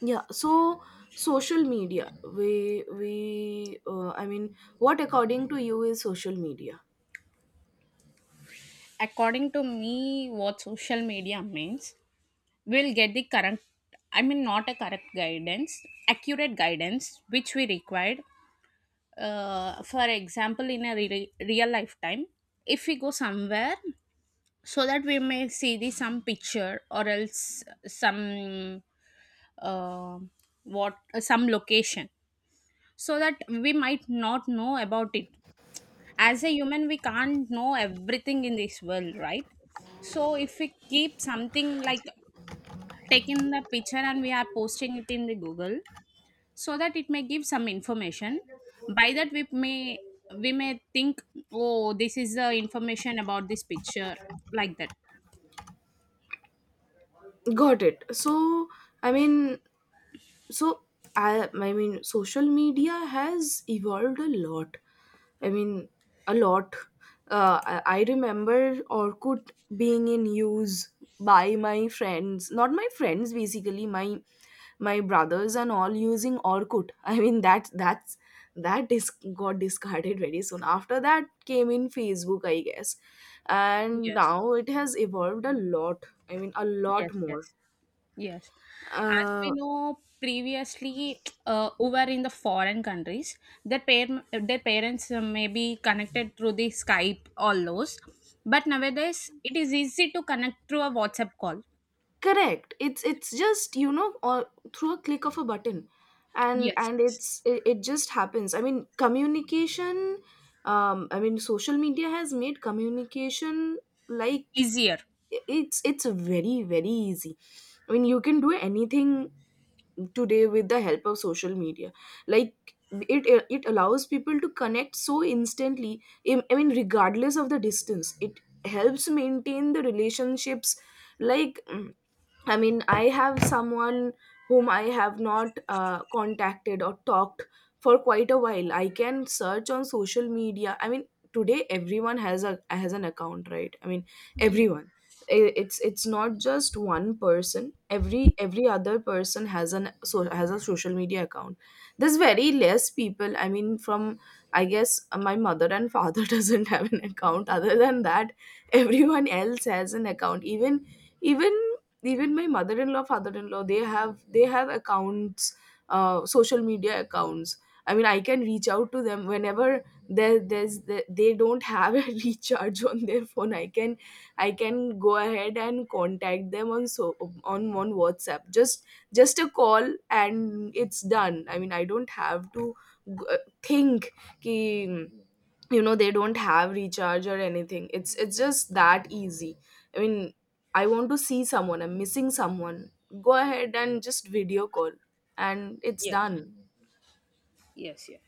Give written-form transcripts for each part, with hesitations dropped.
Yeah, so social media, we I mean, what according to you is social media? According to me, what social media means, we'll get the current, I mean not a correct guidance, accurate guidance which we required, for example in a real lifetime, if we go somewhere, so that we may see the some picture or else some uh, what some location, so that we might not know about it. As a human we can't know everything in this world, right? So if we keep something like taking the picture and we are posting it in the Google, so that it may give some information, by that we may, we may think, oh, this is the information about this picture, like that. Got it. So, I mean, so I mean social media has evolved a lot. I mean, a lot. I remember Orkut being in use by my friends, not my friends, basically my brothers and all using Orkut. I mean, that is got discarded very soon. After that came in Facebook, I guess. And Yes, now it has evolved a lot. I mean, a lot yes, more. yes. Yes. As we Uh, know previously, over in the foreign countries, their parents may be connected through the Skype, all those. But nowadays, it is easy to connect through a WhatsApp call. Correct. It's just, or through a click of a button. and Yes, and yes. it just happens. I mean, communication. I mean, social media has made communication, like, Easier. it's very, very easy. I mean, you can do anything today with the help of social media, like, it allows people to connect so instantly. I mean, regardless of the distance, it helps maintain the relationships, like, I mean, I have someone whom I have not contacted or talked for quite a while. I can search on social media. I mean, today everyone has a has an account, right? I mean, Yes. everyone. It's not just one person. Every other person has an, so has a social media account. There's very less people. I mean, from, I guess, my mother and father doesn't have an account. Other than that, everyone else has an account. Even even my mother-in-law, father-in-law, they have accounts, social media accounts. I mean, I can reach out to them whenever. They don't have a recharge on their phone. I can go ahead and contact them on, so on WhatsApp. Just a call and it's done. I mean, I don't have to g- uh, think, ki, they don't have recharge or anything. It's just that easy. I mean, I want to see someone, I'm missing someone, go ahead and just video call, and it's Yes. done. Yes. Yes.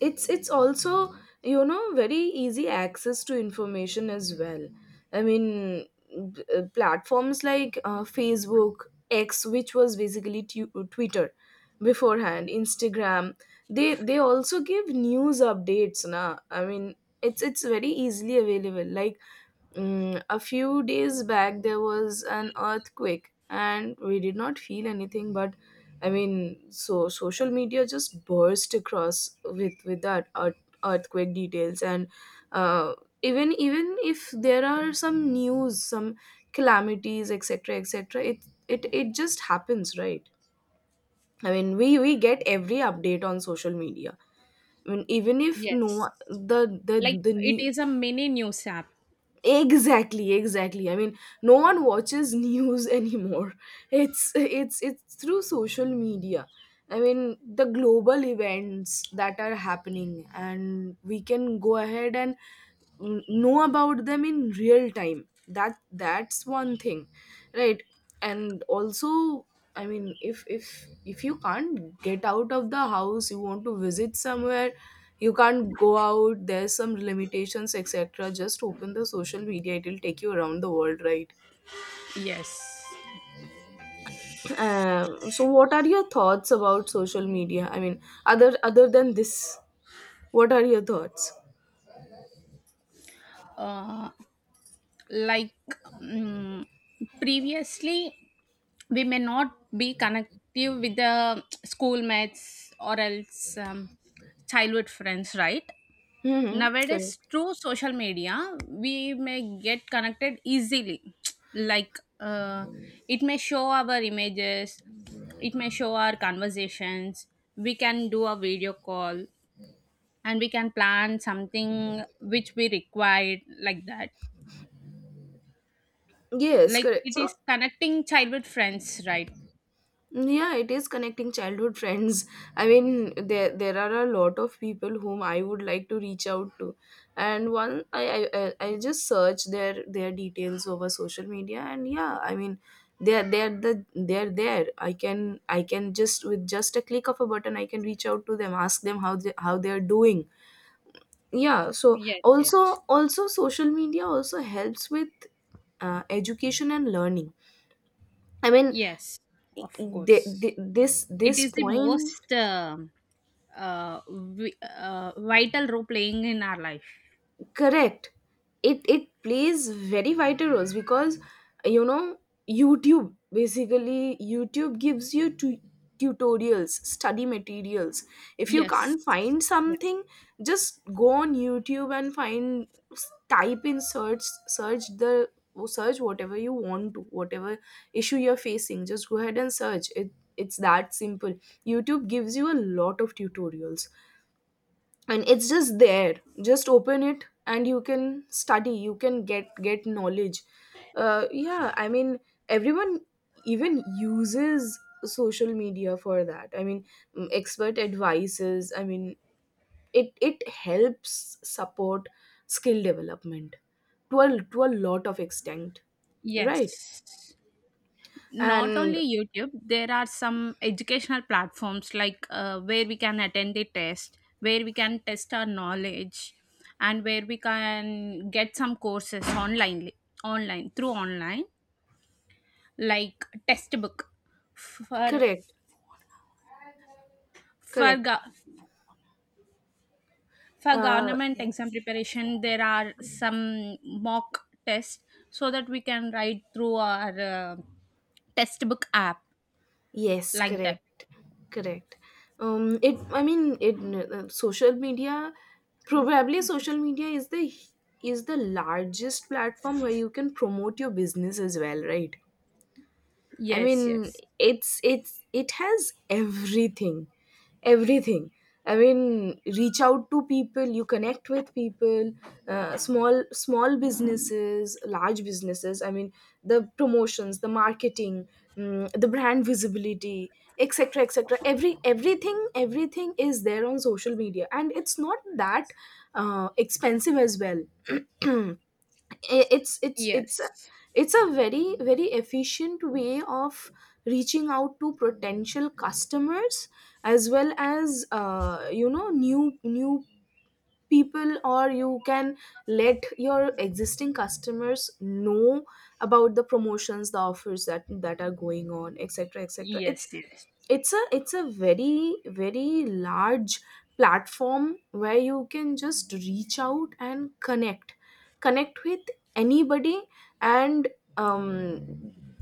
It's also, very easy access to information as well. I mean, platforms like Facebook, X, which was basically Twitter beforehand, Instagram. They also give news updates, na. I mean, it's very easily available, like, a few days back, there was an earthquake, and we did not feel anything. But I mean, so social media just burst across with that earthquake details, and uh, even if there are some news, some calamities, etc., etc., it just happens, right? I mean, we get every update on social media. I mean, even if Yes. no, the Like the it new... is a mini news app. Exactly, exactly. I mean, no one watches news anymore. It's through social media. I mean, the global events that are happening, and we can go ahead and know about them in real time. That's one thing, right? And also, I mean, if you can't get out of the house, you want to visit somewhere, you can't go out. There's some limitations, etc. Just open the social media; it'll take you around the world, right? Yes. So, what are your thoughts about social media? I mean, other than this, what are your thoughts? Uh, like, mm, previously we may not be connective with the schoolmates or else childhood friends, right? Mm-hmm. Correct. Nowadays through social media we may get connected easily. Like, it may show our images, it may show our conversations, we can do a video call, and we can plan something which we required, like that. Yes, Like correct. it So, is connecting childhood friends, right? yeah, it is connecting childhood friends. I mean, there are a lot of people whom I would like to reach out to, and one I just search their details over social media, and yeah, I mean, they're there. I can just, with just a click of a button, I can reach out to them, ask them how they are doing. Yeah, so Yes, also yes. also social media also helps with education and learning. I mean, Yes, of the, course. this It this is the point. most vital role playing in our life. Correct. It plays very vital roles because, you know, YouTube, basically YouTube gives you tutorials, study materials. If you Yes. can't find Yes. something, just go on YouTube and find, type in, search, search the search whatever you want to, whatever issue you're facing. Just go ahead and search it. It's that simple. YouTube gives you a lot of tutorials, and it's just there. Just open it and you can study, you can get knowledge. Yeah, I mean, everyone even uses social media for that. I mean, expert advices. I mean, it helps support skill development to a lot of extent, right? Yes. Not And only YouTube, there are some educational platforms like, where we can attend the test, where we can test our knowledge, and where we can get some courses online, online through online, like test book for correct, for correct. go- for uh, government exam preparation. There are some mock tests so that we can write through our textbook app, Yes, like that. correct, correct. It. I mean, it. Social media, probably social media is the largest platform where you can promote your business as well, right? I Yes, mean, yes. It has everything, everything. I mean, reach out to people, you connect with people, small businesses, large businesses. I mean, the promotions, the marketing, the brand visibility, etc., etc. Everything is there on social media, and it's not that expensive as well. I- it's it's it's Yes, it's a very, very efficient way of reaching out to potential customers as well as new people, or you can let your existing customers know about the promotions, the offers that are going on, etc., etc. it's yes, yes, It's a very, very large platform where you can just reach out and connect connect with anybody. And um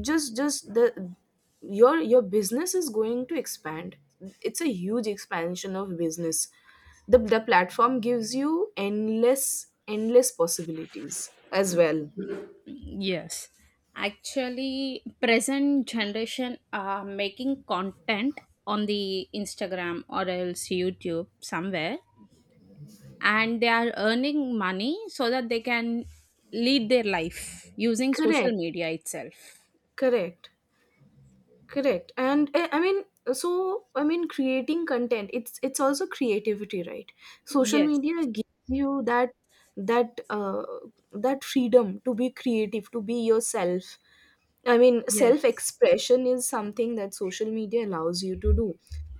just the your business is going to expand. It's a huge expansion of business. The platform gives you endless, endless possibilities as well. yes. Actually, present generation are making content on the Instagram or else YouTube somewhere, and they are earning money so that they can lead their life using social Correct, media itself. correct, correct. And I mean, so I mean, creating content, it's also creativity, right? Social Yes, media gives you that, that uh, that freedom to be creative, to be yourself. I mean, self yes. expression is something that social media allows you to do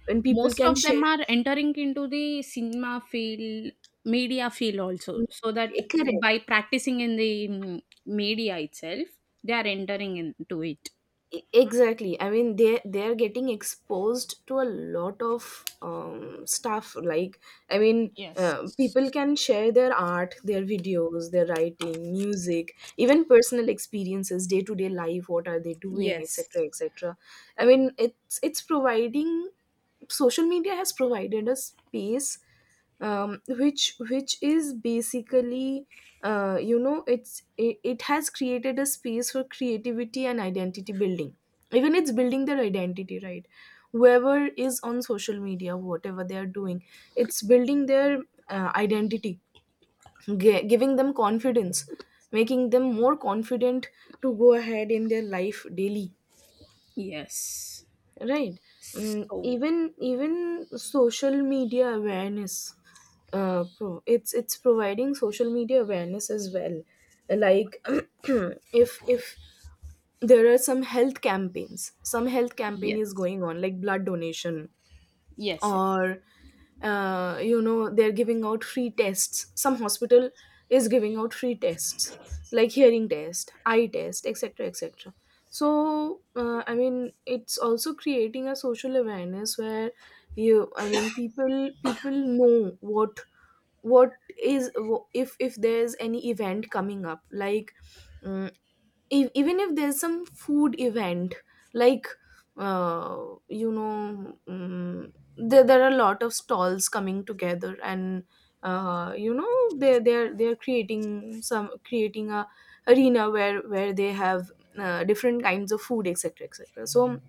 when people Most can of them share. are entering into the cinema field, media field also, so that by Correct. practicing in the media itself, they are entering into it. Exactly. I mean, they're getting exposed to a lot of stuff, like, I mean, Yes. People can share their art, their videos, their writing, music, even personal experiences, day to day life, what are they doing, Yes, etc., etc. I mean, it's providing social media has provided a space, which is basically it has created a space for creativity and identity building. Even it's building their identity, right? Whoever is on social media, whatever they are doing, it's building their identity, giving them confidence, making them more confident to go ahead in their life daily, yes. right? So, Even social media awareness, it's providing social media awareness as well, like, if there are some health campaigns, some health campaign is yes, going on, like blood donation, yes, yes, or, they're giving out free tests. Some hospital is giving out free tests, like hearing test, eye test, etc., etc. So, I mean, it's also creating a social awareness where you, I mean, people know what is, if there's any event coming up, like, mm, if, even if there's some food event, like, uh, you know mm there are a lot of stalls coming together, and they're creating some, creating a arena where they have different kinds of food, etc., etc. So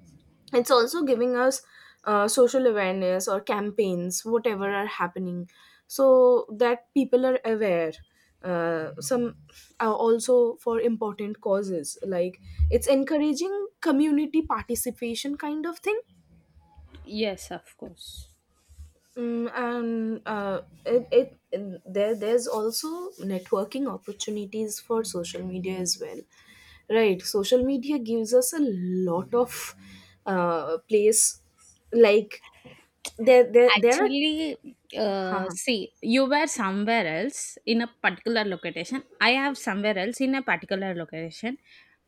it's also giving us social awareness or campaigns, whatever are happening, so that people are aware. Some... also for important causes, like, it's encouraging community participation, kind of thing. yes, of course. And it, it and there's also networking opportunities for social media as well, right? Social media gives us a lot of place, like, there are Actually, uh see, you were somewhere else in a particular location. I have somewhere else in a particular location.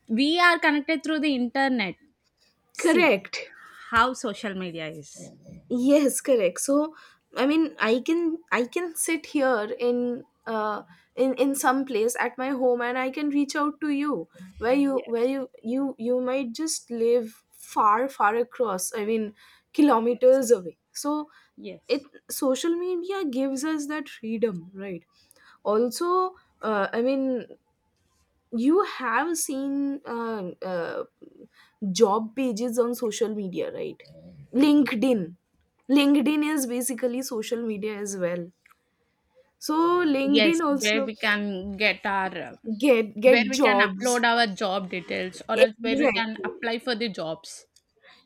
We are connected through the internet. See correct. how social media is. Yes, correct. So I mean, I can sit here in in some place at my home, and I can reach out to you, where you where Yes. you you you might just live far, far across. I mean, Yes. kilometers away. So it Yes. social media gives us that freedom, right? Also, I mean, you have seen job pages on social media, right? linkedin linkedin is basically social media as well. So LinkedIn Yes, where also, we can get our, get where we can jobs. upload our job details or else where we can Exactly. apply for the jobs.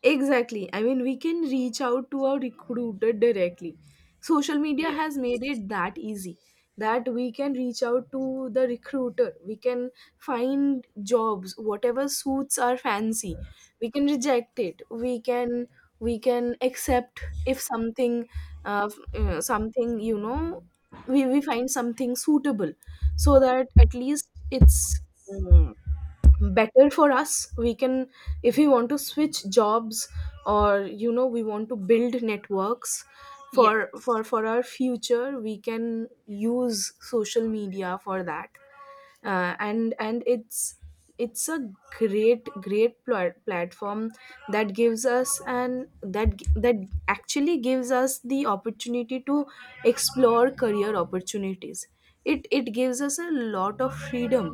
Exactly. I mean, we can reach out to our recruiter directly. Social media Yes. has made it that easy that we can reach out to the recruiter. We can find jobs, whatever suits our fancy. We can reject it. We can accept if something, something, we find something suitable, so that at least it's mm, better for us. We can, if we want to switch jobs, or we want to build networks for Yes. Our future, we can use social media for that. And it's a great, great platform that gives us, and that g- that actually gives us the opportunity to explore career opportunities. It gives us a lot of freedom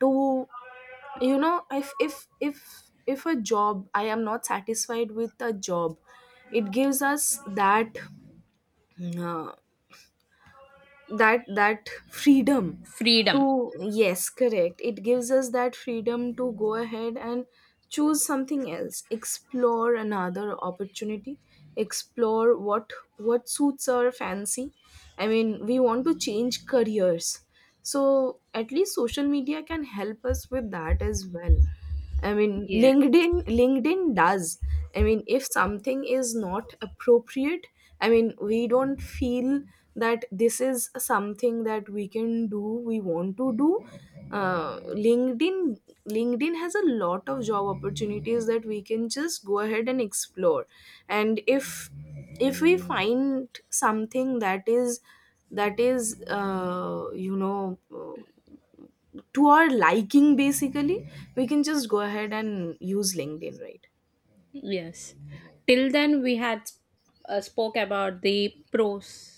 to, you know, if a job, I am not satisfied with a job, it gives us that, uh, that freedom to... Freedom. Yes, correct. It gives us that freedom to go ahead and choose something else, explore another opportunity, explore what suits our fancy. I mean, we want to change careers, so at least social media can help us with that as well. I mean, Yeah. LinkedIn does. I mean, if something is not appropriate, I mean, we don't feel that this is something that we can do. We want to do. Uh, LinkedIn LinkedIn has a lot of job opportunities that we can just go ahead and explore. And if we find something that is, you know. To our liking, basically, we can just go ahead and use LinkedIn, right? Yes. Till then, we had spoke about the pros